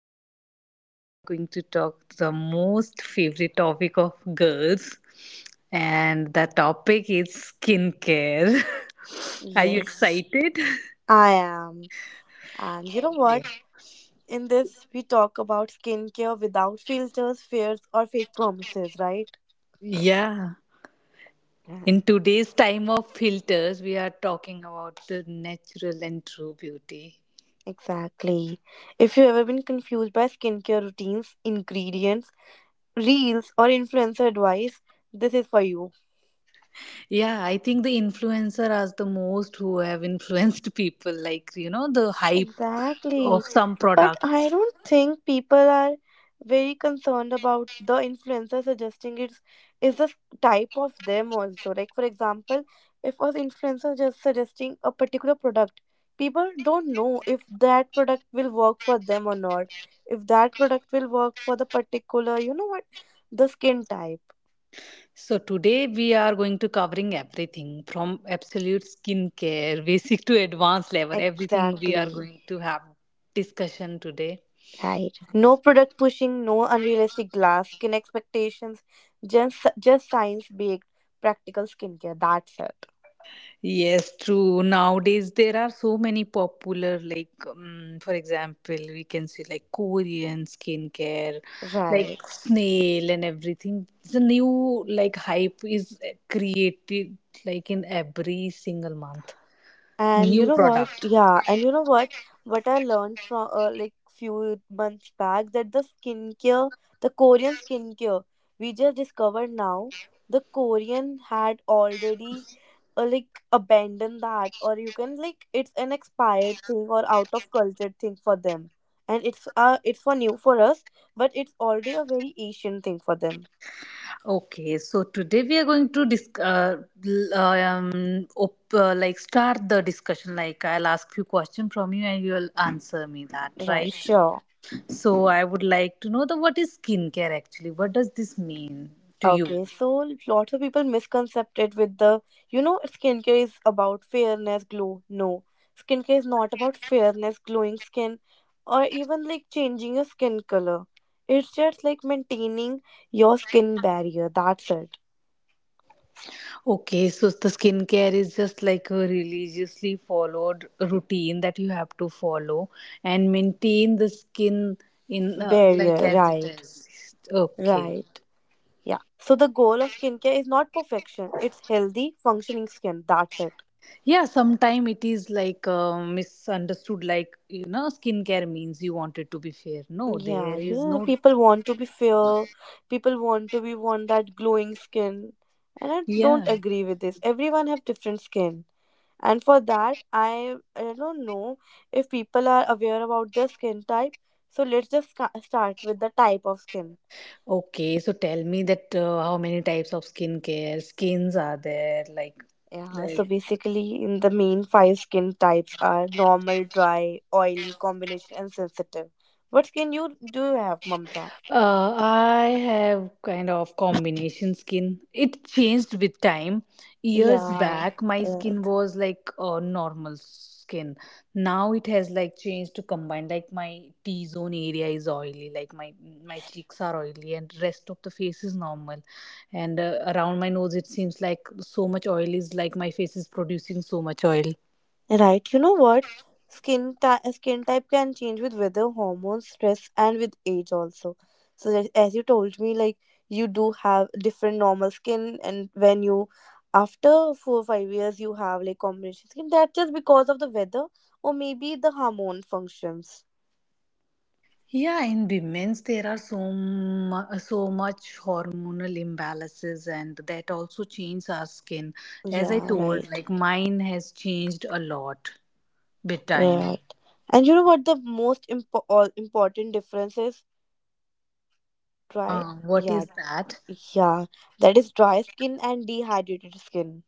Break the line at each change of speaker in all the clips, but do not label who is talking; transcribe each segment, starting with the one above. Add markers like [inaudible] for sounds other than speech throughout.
And today we are going to talk the most favorite topic of girls, and the topic is skincare. [laughs] are you
Yes,
excited?
I am. And you know what? In this, we talk about skincare without filters, fears, or fake promises, right?
Yeah.
Yeah,
In today's time of filters, we are talking about the natural and true beauty.
exactly. If you've ever been confused by skincare routines, ingredients, reels, or influencer advice, this is for you.
Yeah, I think the influencer are the most who have influenced [laughs] people, like, you know, the hype of
Exactly.
some
But I
product.
don't think people are very concerned about the influencer suggesting it's is the type of them also. Like for example, if an influencer just suggesting a particular product, people don't know if that product will work for them or not. If that product will work for the particular, you know what, the skin type.
So today we are going to covering everything from absolute skincare, [laughs] basic to advanced level. Everything we are
Exactly.
going to have discussion today.
Right. No product pushing, no unrealistic glass skin expectations, just science baked practical skincare. That's it.
Yes, true. Nowadays there are so many popular, like for example, we can see like Korean skincare, like
Right.
snail and everything. The new like hype is created like in every single month.
And you
New
know what?
product.
Yeah, and you know what? What I learned from like few months back that the skincare, the Korean skincare, we just discovered now, the Korean had already uh, like abandoned that, or you can like it's an expired thing or out of culture thing for them, and it's for new for us, but it's already a very Asian thing for them.
Okay, so today we are going to like start the discussion. Like I'll ask few questions from you and you'll answer me that,
Right?
right?
Sure.
So I would like to know the what is skincare actually? What does this mean to you?
Okay, so lots of people misconcepted with the, you know, skincare is about fairness, glow. No, skincare is not about fairness, glowing skin, or even like changing your skin color. It's just like maintaining your skin barrier. That's it.
Okay, so the skincare is just like a religiously followed routine that you have to follow and maintain the skin in like
Barrier,
as
right,
is. Okay.
right. Yeah. So the goal of skincare is not perfection, it's healthy, functioning skin. That's it.
Yeah, sometime it is like misunderstood. Like you know, skincare means you want it to be fair. No,
Yeah,
there
you
is
know,
no.
people want to be fair. People want to be want that glowing skin, and I
Yeah.
don't agree with this. Everyone have different skin, and for that, I don't know if people are aware about their skin type. So let's just start with the type of skin.
Okay, so tell me that how many types of skincare skins are there? Like,
Yeah, so
like.
basically, in the main five skin types are normal, dry, oily, combination, and sensitive. What skin you do you have, Mamta?
I have kind of combination skin. It changed with time. Years
Yeah,
back, my
uh,
skin was like normal skin. Now it has like changed to combine. Like my T zone area is oily. Like my cheeks are oily, and rest of the face is normal. And around my nose, it seems like so much oil is like my face is producing so much oil.
right. You know what? Skin type can change with weather, hormones, stress, and with age also. So that, as you told me, like you do have different normal skin, and when you after 4 or 5 years you have like combination skin. That just because of the weather or maybe the hormone functions.
Yeah, in women's there are so much hormonal imbalances, and that also changes our skin. As I
Yeah.
told,
Right.
like mine has changed a lot with time.
Right. And you know what the most all important difference is? Dry.
What
Yeah.
is that?
Yeah. That is dry skin and dehydrated skin.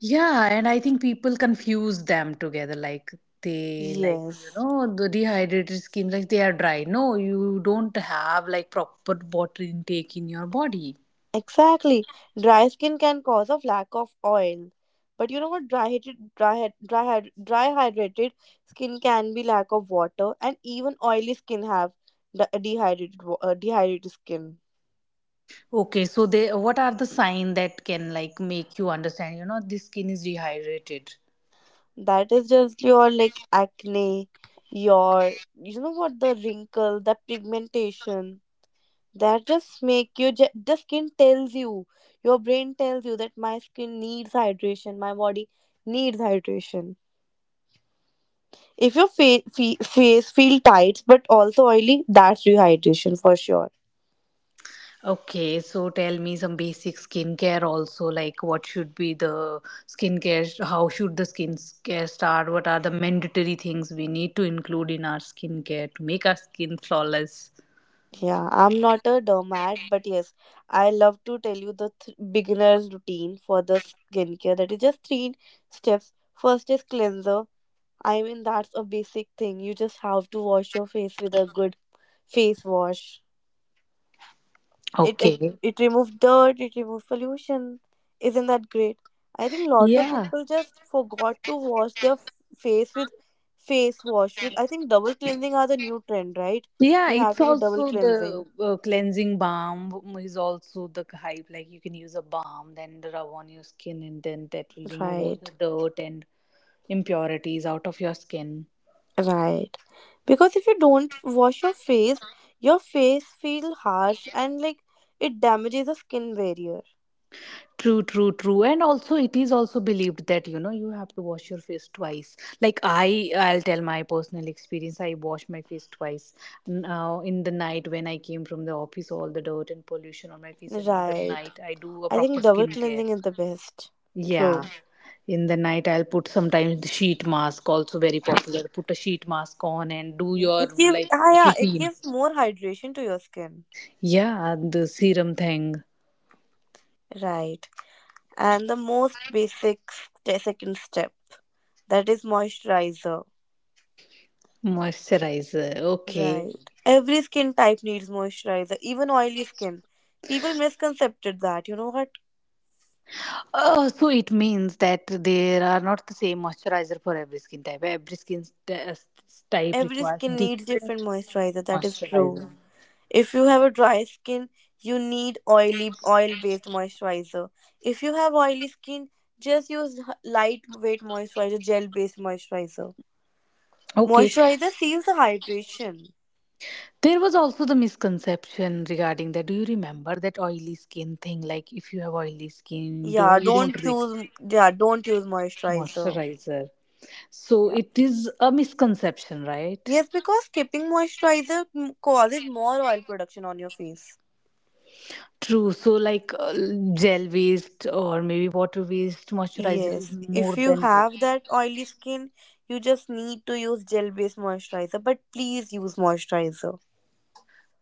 Yeah, and I think people confuse them together. Like they like you
Yes.
know the dehydrated skin, like they are dry. No, you don't have like proper water intake in your body.
Exactly. Dry skin can cause of lack of oil. But you know what? Dry hydrated, dry, hy- dry, hy- dry hydrated skin can be lack of water, and even oily skin have dehydrated, dehydrated skin.
Okay, so they what are the sign that can like make you understand, you know, this skin is dehydrated.
That is just your like acne, your you know what the wrinkle, the pigmentation. That just make you the skin tells you, your brain tells you that my skin needs hydration, my body needs hydration. If your face feel tight but also oily, that's rehydration for sure.
Okay, so tell me some basic skincare also, like what should be the skincare, how should the skincare start, what are the mandatory things we need to include in our skincare to make our skin flawless.
Yeah, I'm not a doormat, but yes, I love to tell you the beginner's routine for the skincare. That is just three steps. First is cleanser. I mean, that's a basic thing. You just have to wash your face with a good face wash. It it,
Okay.
it removes dirt, it removes pollution. Isn't that great? I think lot of
Yeah,
people just forgot to wash their face with face wash with. I think double cleansing are the new trend, right?
yeah,
You have
it's
to do double
also
cleansing.
the cleansing balm is also the hype. Like you can use a balm, then rub on your skin, and then that will remove all
Right,
the dirt and impurities out of your skin.
right. Because if you don't wash your face feel harsh and like it damages the skin barrier.
True, true, true. And also it is also believed that you know you have to wash your face twice. Like I'll tell my personal experience. I wash my face twice now. In the night when I came from the office, all the dirt and pollution on my face, and in the
Right.
night I do a
I
proper
think double
skincare.
cleansing is the best.
Yeah,
True.
in the night I'll put sometimes the sheet mask also, very popular, put a sheet mask on and do
Yeah.
your
It gives
like
yeah, it
routine.
gives more hydration to your skin.
Yeah, the serum thing.
Right. And the most basic second step that is moisturizer.
Moisturizer, okay.
Right. Every skin type needs moisturizer, even oily skin. People misconcepted that. You know what?
So it means that there are not the same moisturizer for every skin type. Every type
Every
requires
skin needs different
different
moisturizer. That is true.
moisturizer.
If you have a dry skin, you need oil based moisturizer. If you have oily skin, just use lightweight moisturizer, gel based moisturizer.
Okay.
Moisturizer seals the hydration.
There was also the misconception regarding that. Do you remember that oily skin thing? Like if you have oily skin, don't you don't
Yeah, don't use moisturizer.
moisturizer. So
Yeah.
it is a misconception, right?
Yes, because skipping moisturizer causes more oil production on your face.
True. So like gel based or maybe water based moisturizer
Yes,
is
if
more
you
than.
have that oily skin, you just need to use gel-based moisturizer, but please use moisturizer.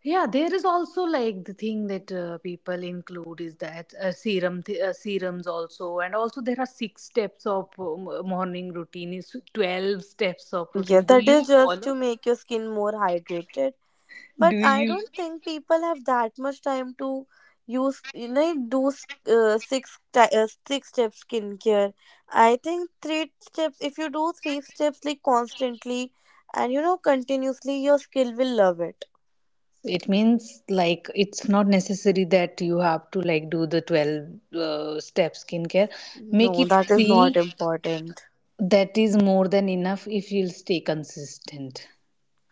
Yeah, there is also like the thing that people include is that serums also, and also there are six steps of morning routine is 12 steps of
Yeah,
routine. Do
that
you
is just
follow?
to make your skin more hydrated.
Do
But I
you?
don't think people have that much time to use you know do six step skincare. I think three steps if you do three steps like constantly and you know continuously your skill will love it.
It means like it's not necessary that you have to like do the 12 step skincare. Make
No,
it
that is
three.
not important.
That is more than enough if you'll stay consistent.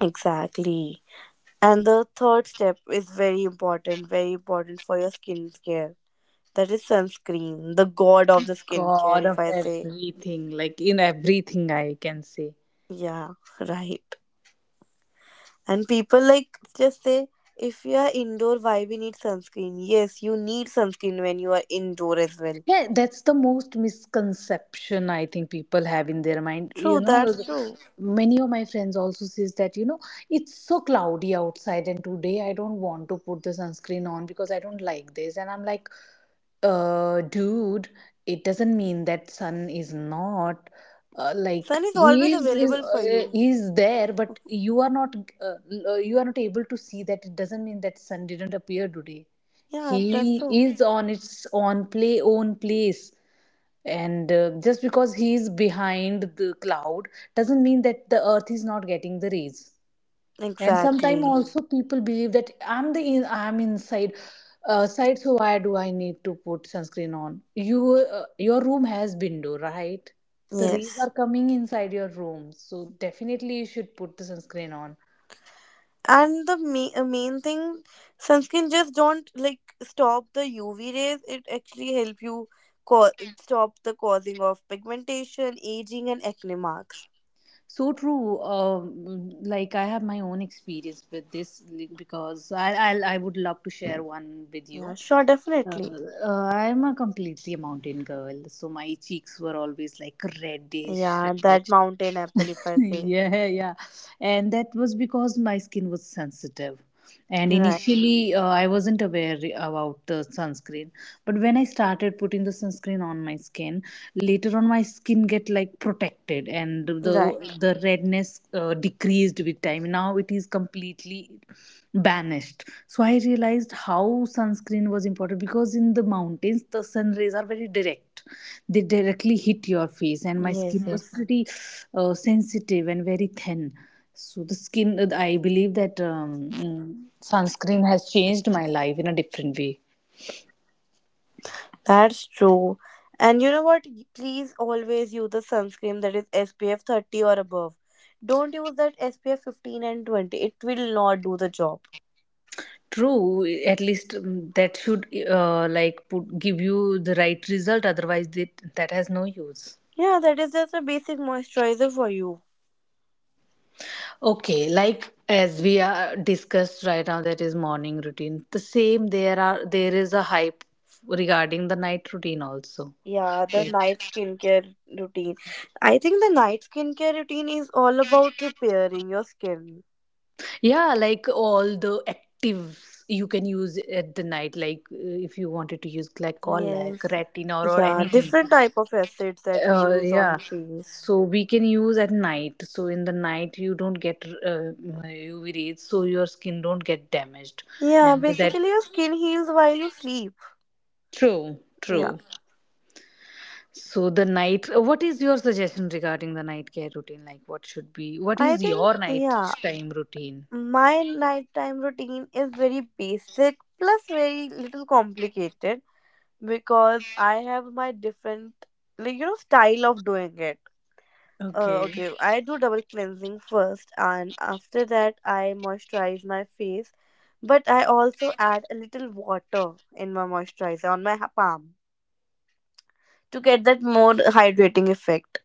Exactly. And the third step is very important for your skincare. That is sunscreen, the god of the skincare,
God of
if I say.
everything, like in everything I can say.
Yeah, [laughs] right. And people like just say, if you are indoor, why we need sunscreen? Yes, you need sunscreen when you are indoor as well.
Yeah, that's the most misconception I think people have in their mind. You
True,
know,
that's true.
many of my friends also says that, you know, it's so cloudy outside and today I don't want to put the sunscreen on because I don't like this. And I'm like, uh, dude, it doesn't mean that sun is not like
Sun is
he
always available for you.
is there but uh, you are not able to see that. It doesn't mean that sun didn't appear today.
Yeah, that's
He
true.
is on its own play own place, and just because he is behind the cloud doesn't mean that the earth is not getting the rays. And sometimes
Exactly.
also people believe that I'm inside side, so why do I need to put sunscreen on? You, your room has window, right? The rays
Yes.
are coming inside your room, so definitely you should put the sunscreen on.
And the main thing, sunscreen just don't like stop the UV rays. It actually help you co- stop the causing of pigmentation, aging, and acne marks.
So true. Um, like I have my own experience with this, like, because I would love to share one with
Yeah,
you.
sure,
uh,
definitely.
I'm a completely mountain girl, so my cheeks were always like reddish
Yeah, that
reddish
mountain apple, if
[laughs]
I say.
Yeah, yeah. And that was because my skin was sensitive and
Right.
initially I wasn't aware about the sunscreen. But when I started putting the sunscreen on my skin, later on my skin get like protected and
Right.
the redness decreased with time. Now it is completely banished. So I realized how sunscreen was important, because in the mountains the sun rays are very direct. They directly hit your face, and my
Yes,
skin was
yes.
pretty sensitive and very thin. So the skin, I believe that sunscreen has changed my life in a different way.
That's true. And you know what? Please always use the sunscreen that is SPF 30 or above. Don't use that SPF 15 and 20. It will not do the job.
True, at least that should like give you the right result. Otherwise, that has no use.
Yeah, that is just a basic moisturizer for you.
Okay, like as we are discussed right now, that is morning routine. The same, there is a hype regarding the night routine also.
Yeah, the
Right.
night skincare routine. I think the night skincare routine is all about repairing your skin.
Yeah, like all the actives you can use at the night, like if you wanted to use glycolic,
Yes.
retinol, or
Yeah,
anything.
different type of acids that we use
Yeah.
on face.
So we can use at night. So in the night you don't get UV rays, so your skin don't get damaged.
Yeah,
And that,
basically your skin heals while you sleep.
true,
Yeah.
true. So the night. What is your suggestion regarding the night care routine? Like what should be? What
I
is
think,
your night
yeah,
time routine?
my nighttime routine is very basic plus very little complicated because I have my different, like, you know, style of doing it.
Okay.
Okay, I do double cleansing first, and after that, I moisturize my face, but I also add a little water in my moisturizer on my palm to get that more hydrating effect.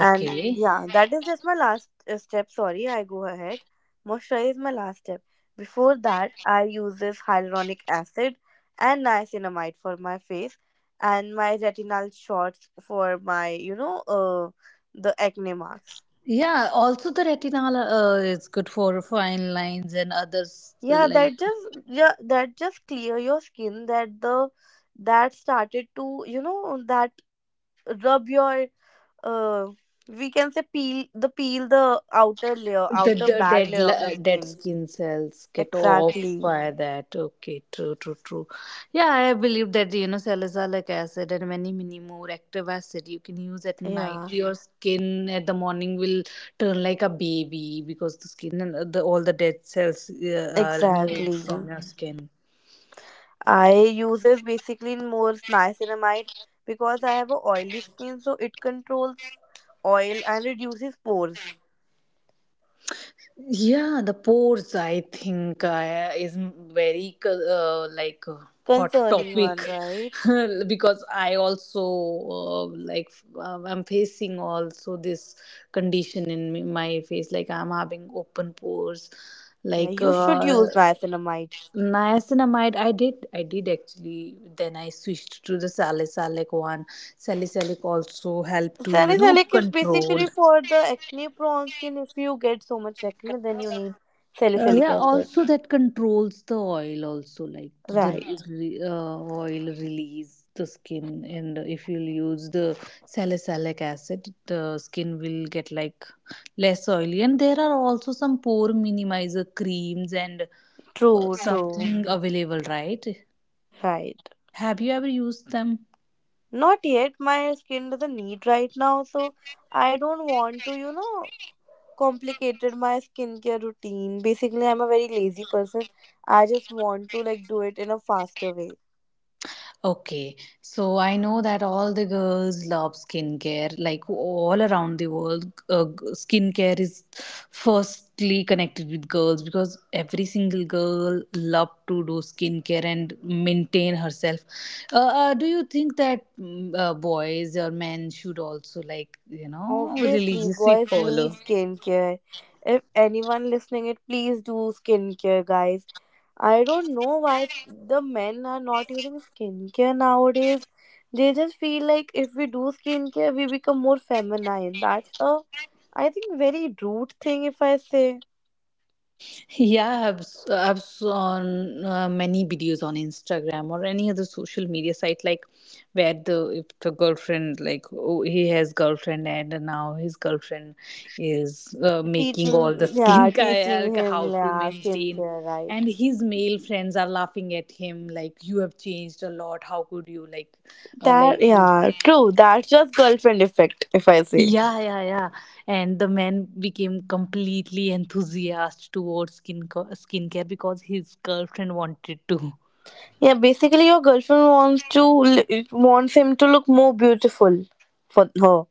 And yeah, that is just my last step. Sorry, I go ahead. Moisturize is my last step. Before that, I use this hyaluronic acid and niacinamide for my face and my retinal shots for my, you know, the acne marks.
Yeah, also the retinol is good for fine lines and others, like
Yeah, that just clear your skin that the that started to, you know, that rub your uh we can say peel the outer layer, outer bad layer of your
dead
skin.
skin cells get off
Exactly.
by that. Okay, true, true, true. Yeah, I believe that you know salicylic acid and many many more active acid you can use at night.
Yeah,
Your skin at the morning will turn like a baby because the skin and the all the dead cells are removed
exactly.
from your skin.
I use this basically in more niacinamide because I have a oily skin, so it controls oil and reduces pores.
Yeah, the pores I think is very hot
Concerning
topic.
one, right?
[laughs] Because I also uh, like I'm facing also this condition in my face, like I'm having open pores
Yeah,
like.
you should use niacinamide.
Niacinamide I did actually, then I switched to the salicylic one. Salicylic also help to you know
Salicylic is
control.
basically for the acne prone skin. If you get so much acne, then you need salicylic
Yeah,
acid.
also that controls the oil, also like
Right.
oil release the skin. And if you'll use the salicylic acid, the skin will get like less oily. And there are also some pore minimizer creams and
True, true.
something available, right?
Right.
Have you ever used them?
Not yet. My skin doesn't need right now, so I don't want to, you know, complicated my skincare routine. Basically, I'm a very lazy person. I just want to like do it in a faster way.
Okay, so I know that all the girls love skincare. Like all around the world, skincare is firstly connected with girls because every single girl love to do skincare and maintain herself. Do you think that boys or men should also like you know
Obviously,
religiously
boys need
follow?
skincare. If anyone listening it, please do skincare, guys. I don't know why the men are not using skincare nowadays. They just feel like if we do skincare, we become more feminine. That's a, I think, very rude thing if I say.
Yeah, I've seen many videos on Instagram or any other social media site, like where the, if the girlfriend like, oh, he has girlfriend and now his girlfriend is making all the [laughs]
Teaching, yeah,
skincare
teaching
like how
him,
to
yeah,
maintain,
skincare, right.
and his male friends are laughing at him like you have changed a lot, how could you like uh, like
That
you
yeah, true. That's just girlfriend effect, if I say.
Yeah, yeah, yeah. And the man became completely enthusiastic towards skincare because his girlfriend wanted to.
Yeah, basically your girlfriend wants to wants him to look more beautiful for her.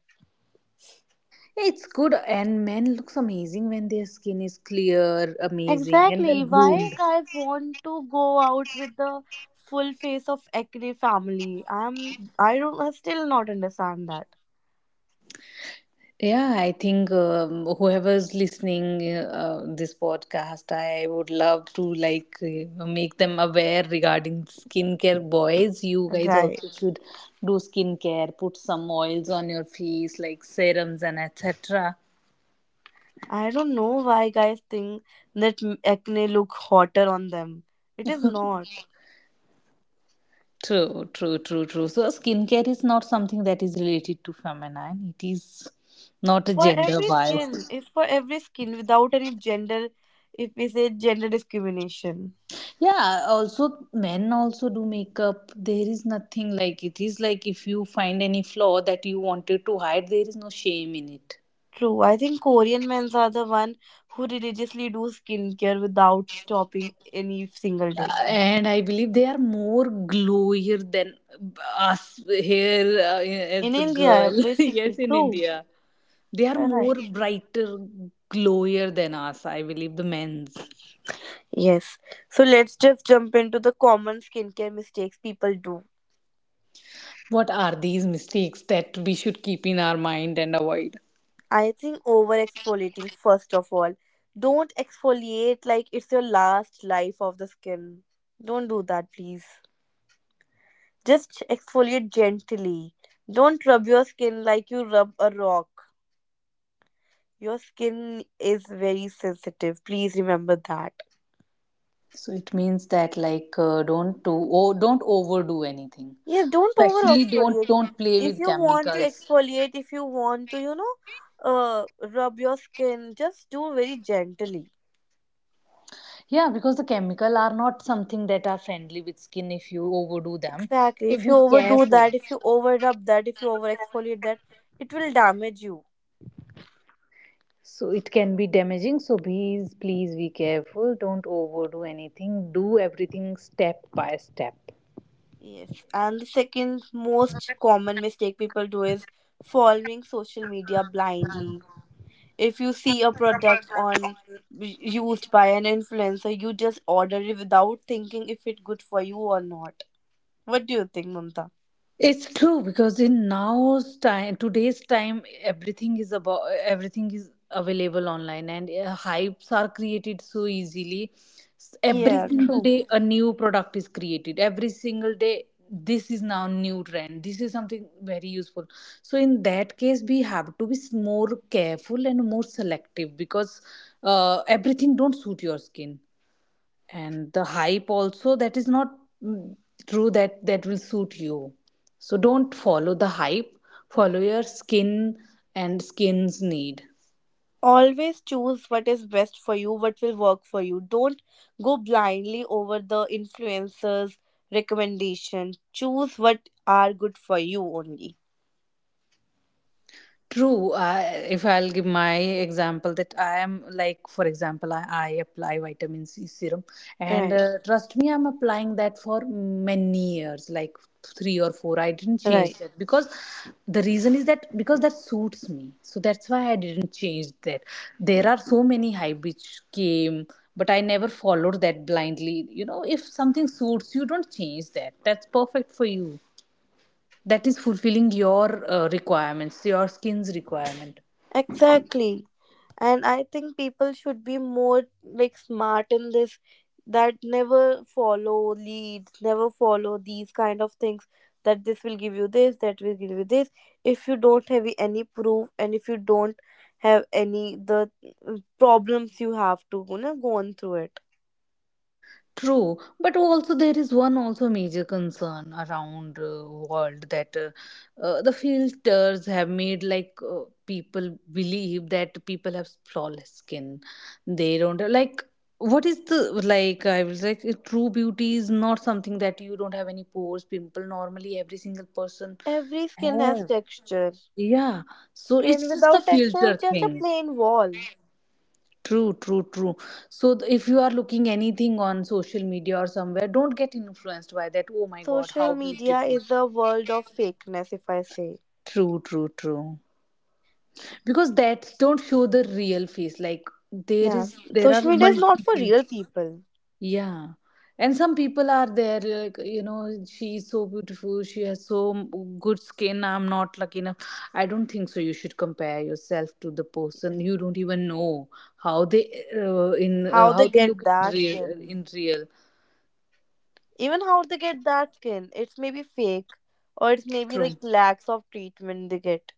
It's good, and men looks amazing when their skin is clear, amazing, and well
Exactly.
groomed.
Why guys want to go out with the full face of acne family? I'm I don't I still not understand that.
Yeah, I think whoever's listening this podcast, I would love to like make them aware regarding skincare. Boys, you guys
Right.
also should do skincare. Put some oils on your face, like serums and etc.
I don't know why guys think that acne look hotter on them. It is not.
True, true, true, true. So skincare is not something that is related to feminine. It is not a
For
gender
every skin,
bias.
it's for every skin without any gender, if we say, gender discrimination.
Yeah, also men also do makeup. There is nothing like it is like if you find any flaw that you wanted to hide, there is no shame in it.
True. I think Korean men are the one who religiously do skincare without stopping any single day
And I believe they are more glowier than us here
in
as a
India.
girl. [laughs] Yes,
Basically
in
true.
India, they are
Right.
more brighter, glowier than us. I believe the men's.
Yes. So let's just jump into the common skincare mistakes people do.
What are these mistakes that we should keep in our mind and avoid?
I think over exfoliating, first of all, don't exfoliate like it's your last life of the skin. Don't do that, please. Just exfoliate gently. Don't rub your skin like you rub a rock. Your skin is very sensitive. Please remember that.
So it means that like don't do don't overdo anything.
Yes, don't over
Especially don't
exfoliate.
don't play
If
with
you want to
chemicals.
exfoliate, if you want to, you know, rub your skin, just do very gently.
Yeah, because the chemical are not something that are friendly with skin if you overdo them.
Exactly.
So
If you
be
overdo
careful.
that, if you over rub that, if you over exfoliate that, it will damage you.
So it can be damaging. So please, please be careful. Don't overdo anything. Do everything step by step.
Yes. And the second most common mistake people do is following social media blindly. If you see a product on used by an influencer, you just order it without thinking if it's good for you or not. What do you think, Mamta?
It's true because in now's time, today's time, everything is about everything is available online, and hypes are created so easily. Every
Yeah,
single
true.
day, a new product is created. Every single day, this is now new trend. This is something very useful. So in that case, we have to be more careful and more selective because everything don't suit your skin and the hype also that is not mm, true that that will suit you, so don't follow the hype, follow your skin and skin's need.
Always choose what is best for you, what will work for you. Don't go blindly over the influencers recommendation. Choose what are good for you only.
True. I, if I'll give my example, that I am like, for example, I apply vitamin C serum, and
Right.
trust me, I'm applying that for many years, like 3 or 4. I didn't change
Right.
that because the reason is that because that suits me. So that's why I didn't change that. There are so many hype which came, but I never followed that blindly. If something suits you, don't change that. That's perfect for you, that is fulfilling your requirements, your skin's requirement.
Exactly. And I think people should be more like smart in this, that never follow leads, never follow these kind of things, that this will give you this, that will give you this. If you don't have any proof and if you don't have any the problems, you have to go on through it.
True, but also there is one also major concern around world that the filters have made like people believe that people have flawless skin, they don't like what is the like I was like true beauty is not something that you don't have any pores, pimple, normally every single person
Every skin has
have.
texture.
Yeah, so
Skin
it's just a
without texture
filter
is just a
thing.
plain wall.
True, true, true. So if you are looking anything on social media or somewhere, don't get influenced by that. Oh my God, how
Social media
beautiful.
is a world of fakeness, if I say.
True, true, true. Because that don't show the real face. Like there
Yeah.
is, there are
Social media is not for
multiple.
real people.
Yeah. And some people are there, like, she is so beautiful, she has so good skin, I'm not lucky enough. I don't think so. You should compare yourself to the person. You don't even know how they in
How they
how they look
get
in
that
real,
skin,
in real.
even how they get that skin, it's maybe fake, or it's maybe
True.
like lacks of treatment they get.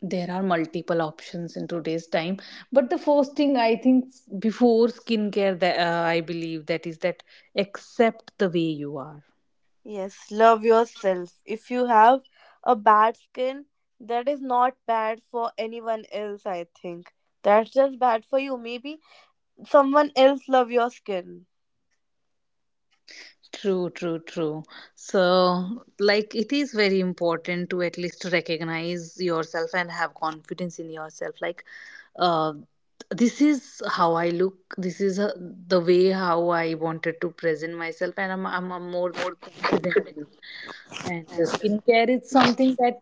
There are multiple options in today's time, but the first thing I think before skincare that I believe that is that accept the way you are.
Yes, love yourself. If you have a bad skin, that is not bad for anyone else, I think. That's just bad for you. Maybe someone else love your skin.
True, true, true. So, like, it is very important to at least recognize yourself and have confidence in yourself. Like, uh, this is how I look. This is the way how I wanted to present myself, and I'm, I more confident in it. And the skincare is something that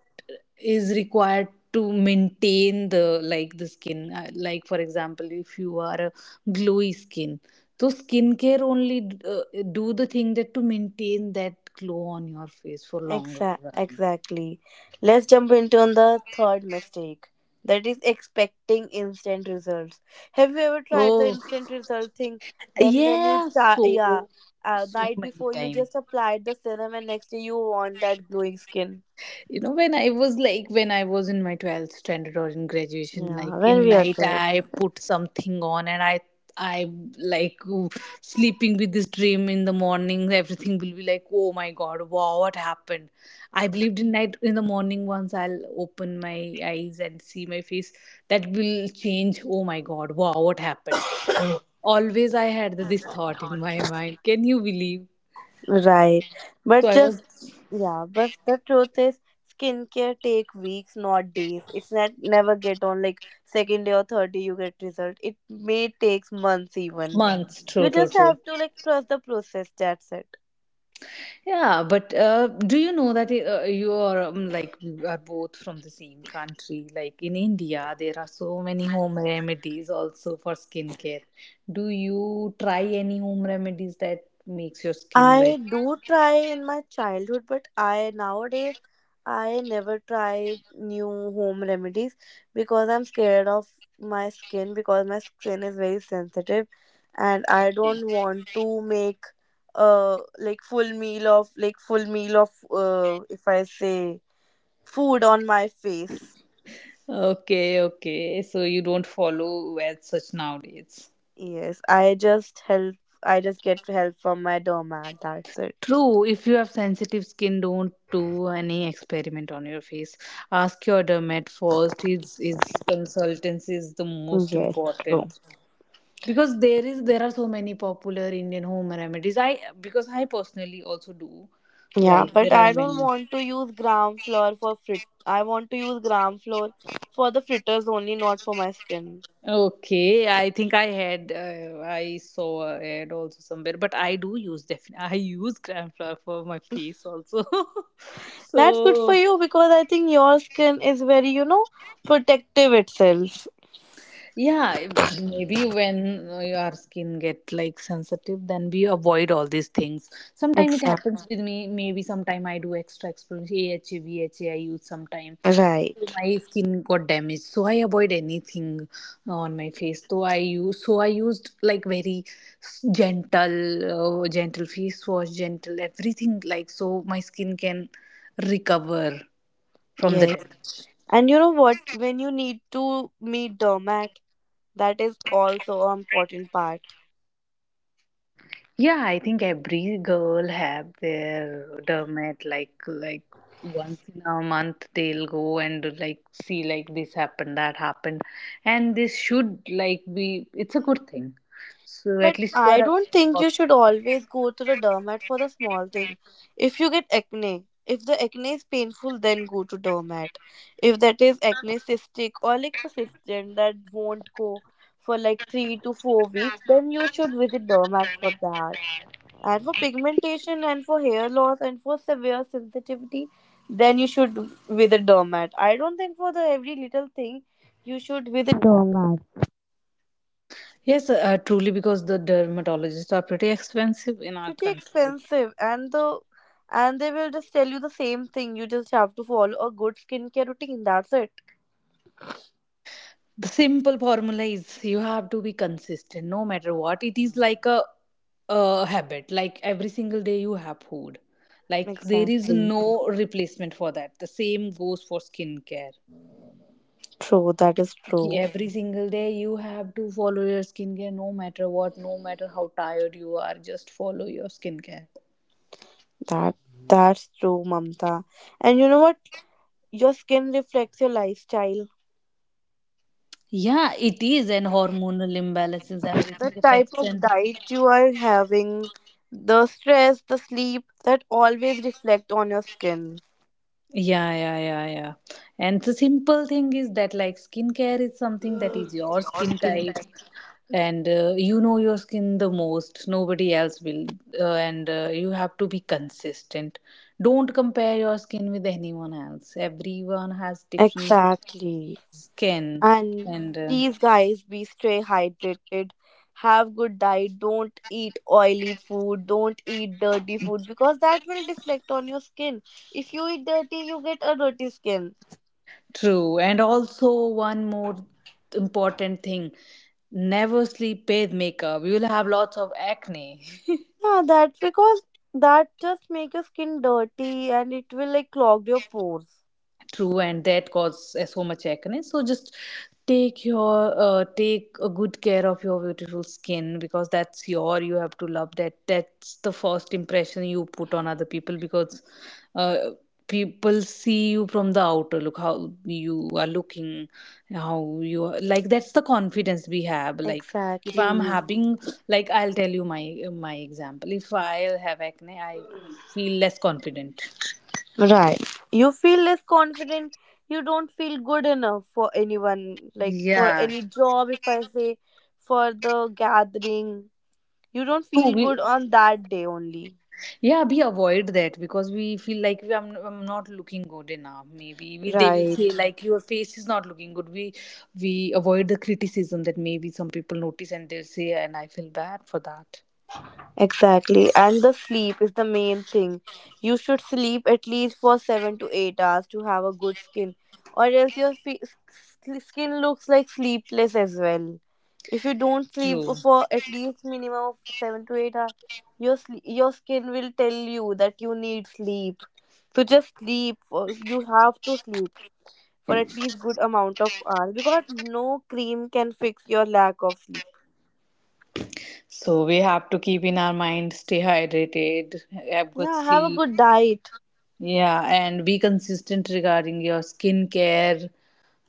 is required to maintain the like the skin. Like, for example, if you are a glowy skin. So skincare only do the thing that to maintain that glow on your face for longer run.
Exactly. Let's jump into on the third mistake. That is expecting instant results. Have you ever tried the
Oh,
instant result thing? Then when you
yeah,
start,
so
yeah,
so
night
many
before you
times.
just applied the serum, and next day you want that glowing skin.
You know when I was like when I was in my 12th standard or in graduation like
Yeah,
in
when we are
night
kids.
I put something on and I like sleeping with this dream in the morning everything will be like oh my God, wow, what happened. I believed in night in the morning once I'll open my eyes and see my face that will change, oh my God, wow, what happened. Always I had this thought in my mind, can you believe.
Right.
So
But
I was
just Yeah, but the truth is skincare take weeks, not days. It's not, never get on like second day or third day you get result. It may takes months even.
months, true,
You
true,
just
true.
have to like trust the process. That's it.
Yeah, but do you know that you are like you are both from the same country? Like in India, there are so many home remedies also for skincare. Do you try any home remedies that makes your skin like?
I do try in my childhood, but I nowadays, I never try new home remedies because I'm scared of my skin, because my skin is very sensitive and I don't want to make like full meal of, if I say, food on my face.
Okay, okay. So you don't follow as such nowadays.
Yes, I just get help from my dermat. That's it.
True, if you have sensitive skin, don't do any experiment on your face. Ask your dermat first. His consultants is the most
Yes, true.
important. Because there is there are so many popular Indian home remedies. I because I personally also do,
Yeah,
like
but
there are
I don't
many.
want to use gram flour for frit. I want to use gram flour for the fritters only, not for my skin.
Okay, I think I had I saw a ad also somewhere, but I do use definitely I use gram flour for my face also. [laughs]
That's good for
So.
you because I think your skin is very, protective itself.
Yeah, maybe when your skin get like sensitive then we avoid all these things. Sometimes it
Exactly.
happens with me, maybe sometime I do extra explanation, aha, use sometime. So
Right.
my skin got damaged so I avoid anything on my face, so I use, so I used like very gentle gentle face wash, gentle everything, like so my skin can recover from the
Yes.
damage.
And you know what? When you need to meet doormat, that is also an important part.
Yeah, I think every girl have their dermat like once in a month they'll go and like see like this happened, that happened. And this should like be it's a good thing. So
But
at least you
I
are aware
don't think you
about.
should always go to the dermat for the small thing. If you get acne, if the acne is painful, then go to dermat. If that is acne cystic or like persistent that won't go for like 3 to 4 weeks, then you should visit dermat for that. And for pigmentation and for hair loss and for severe sensitivity, then you should visit dermat. I don't think for the every little thing you should visit dermat.
Yes, truly, because the dermatologists are pretty expensive in our
Pretty
country.
expensive. And the and they will just tell you the same thing, you just have to follow a good skincare routine. That's it.
The simple formula is you have to be consistent no matter what, it is like a habit like every single day you have food, like there is
Exactly.
no replacement for that, the same goes for skincare.
True. That is
Ki
true.
every single day you have to follow your skincare, no matter what, no matter how tired you are, just follow your skincare.
That that's true, Mamta. And you know what, your skin reflects your lifestyle.
Yeah, it is, and hormonal imbalances
The
everything
type
affects
of
and
diet you are having, the stress, the sleep, that always reflect on your skin.
yeah, yeah, yeah, yeah. And the simple thing is that like skincare is something that is your skin
Skin
type
type.
and you know your skin the most. Nobody else will. And you have to be consistent. Don't compare your skin with anyone else. Everyone has different
Exactly.
skin.
And
And
please, guys, be stay hydrated. Have good diet. Don't eat oily food. Don't eat dirty food because that will reflect on your skin. If you eat dirty, you get a dirty skin.
true. And also one more important thing. Never sleep with makeup. You will have lots of acne. [laughs]
Yeah, that's because that just make your skin dirty and it will like clog your pores.
True, and that causes so much acne, so just take your take a good care of your beautiful skin because that's your, you have to love that, that's the first impression you put on other people because uh, people see you from the outer look, how you are looking, how you are, like that's the confidence we have like if I'm
Exactly.
having, like I'll tell you my, my example, if I have acne I feel less confident.
Right. You feel less confident. You don't feel good enough for anyone, like for
Yeah.
any job, if I say, for the gathering. You don't
True,
feel
we
good on that day only.
yeah we avoid that because we feel like we, I'm not looking good enough. Maybe we, they will
Right.
say like your face is not looking good. We avoid the criticism that maybe some people notice and they'll say and I feel bad for that.
Exactly. And the sleep is the main thing. You should sleep at least for 7 to 8 hours to have a good skin, or else your skin looks like sleepless as well. If you don't sleep
True.
for at least minimum of 7 to 8 hours, your skin will tell you that you need sleep. So just sleep. You have to sleep for at least good amount of hours, because no cream can fix your lack of sleep.
So we have to keep in our mind, stay hydrated, have good
Yeah, have a
sleep.
good diet.
Yeah, and be consistent regarding your skincare.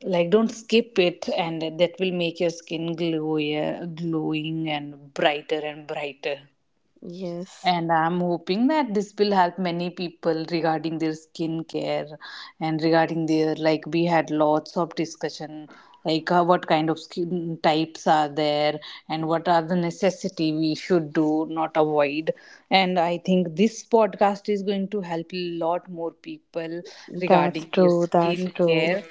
Like don't skip it, and that will make your skin glowier, glowing and brighter and brighter.
Yes,
And I'm hoping that this will help many people regarding their skincare and regarding their, like we had lots of discussion like what kind of skin types are there and what are the necessity we should do not avoid, and I think this podcast is going to help a lot more people
that's
regarding their
true. That's true.
skincare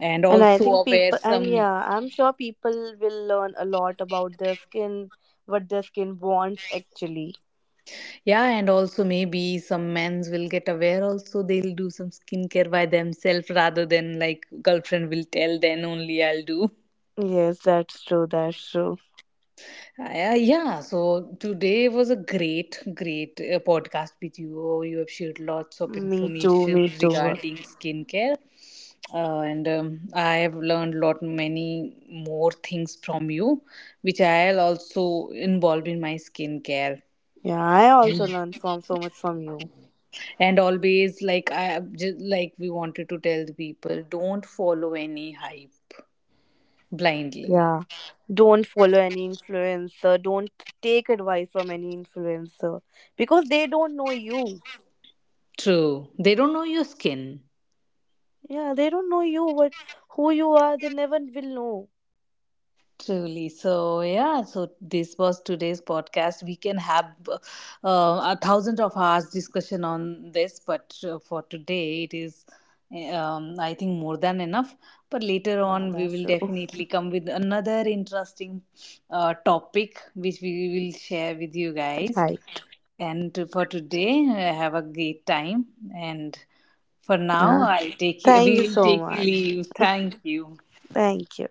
and
And I
also
think
aware
people, and
some.
yeah, I'm sure people will learn a lot about their skin, what their skin wants actually.
Yeah, and also maybe some men's will get aware also they'll do some skincare by themselves rather than like girlfriend will tell then only I'll do.
Yes, that's true. That's true.
Yeah, yeah, so today was a great, great podcast with you. Oh, you have shared lots of
Me too.
information
Me too.
regarding skincare, and I have learned lot many more things from you, which I'll also involve in my skincare.
Yeah, I
And
also learned from so much from you.
and always like I just like we wanted to tell the people don't follow any hype blindly.
Yeah. Don't follow any influencer. Don't take advice from any influencer because they don't know you.
True, they don't know your skin.
Yeah, they don't know you, what who you are. They never will know.
Truly so, yeah, so this was today's podcast, we can have 1,000 of hours discussion on this but for today it is I think more than enough, but later
Yeah,
on we
that's
will
true. [laughs]
definitely come with another interesting topic which we will share with you guys.
Right.
And for today, have a great time. And for now,
Yeah.
I'll take you,
Thank you
we'll
so
take you
much.
leave. Thank you.
Thank you.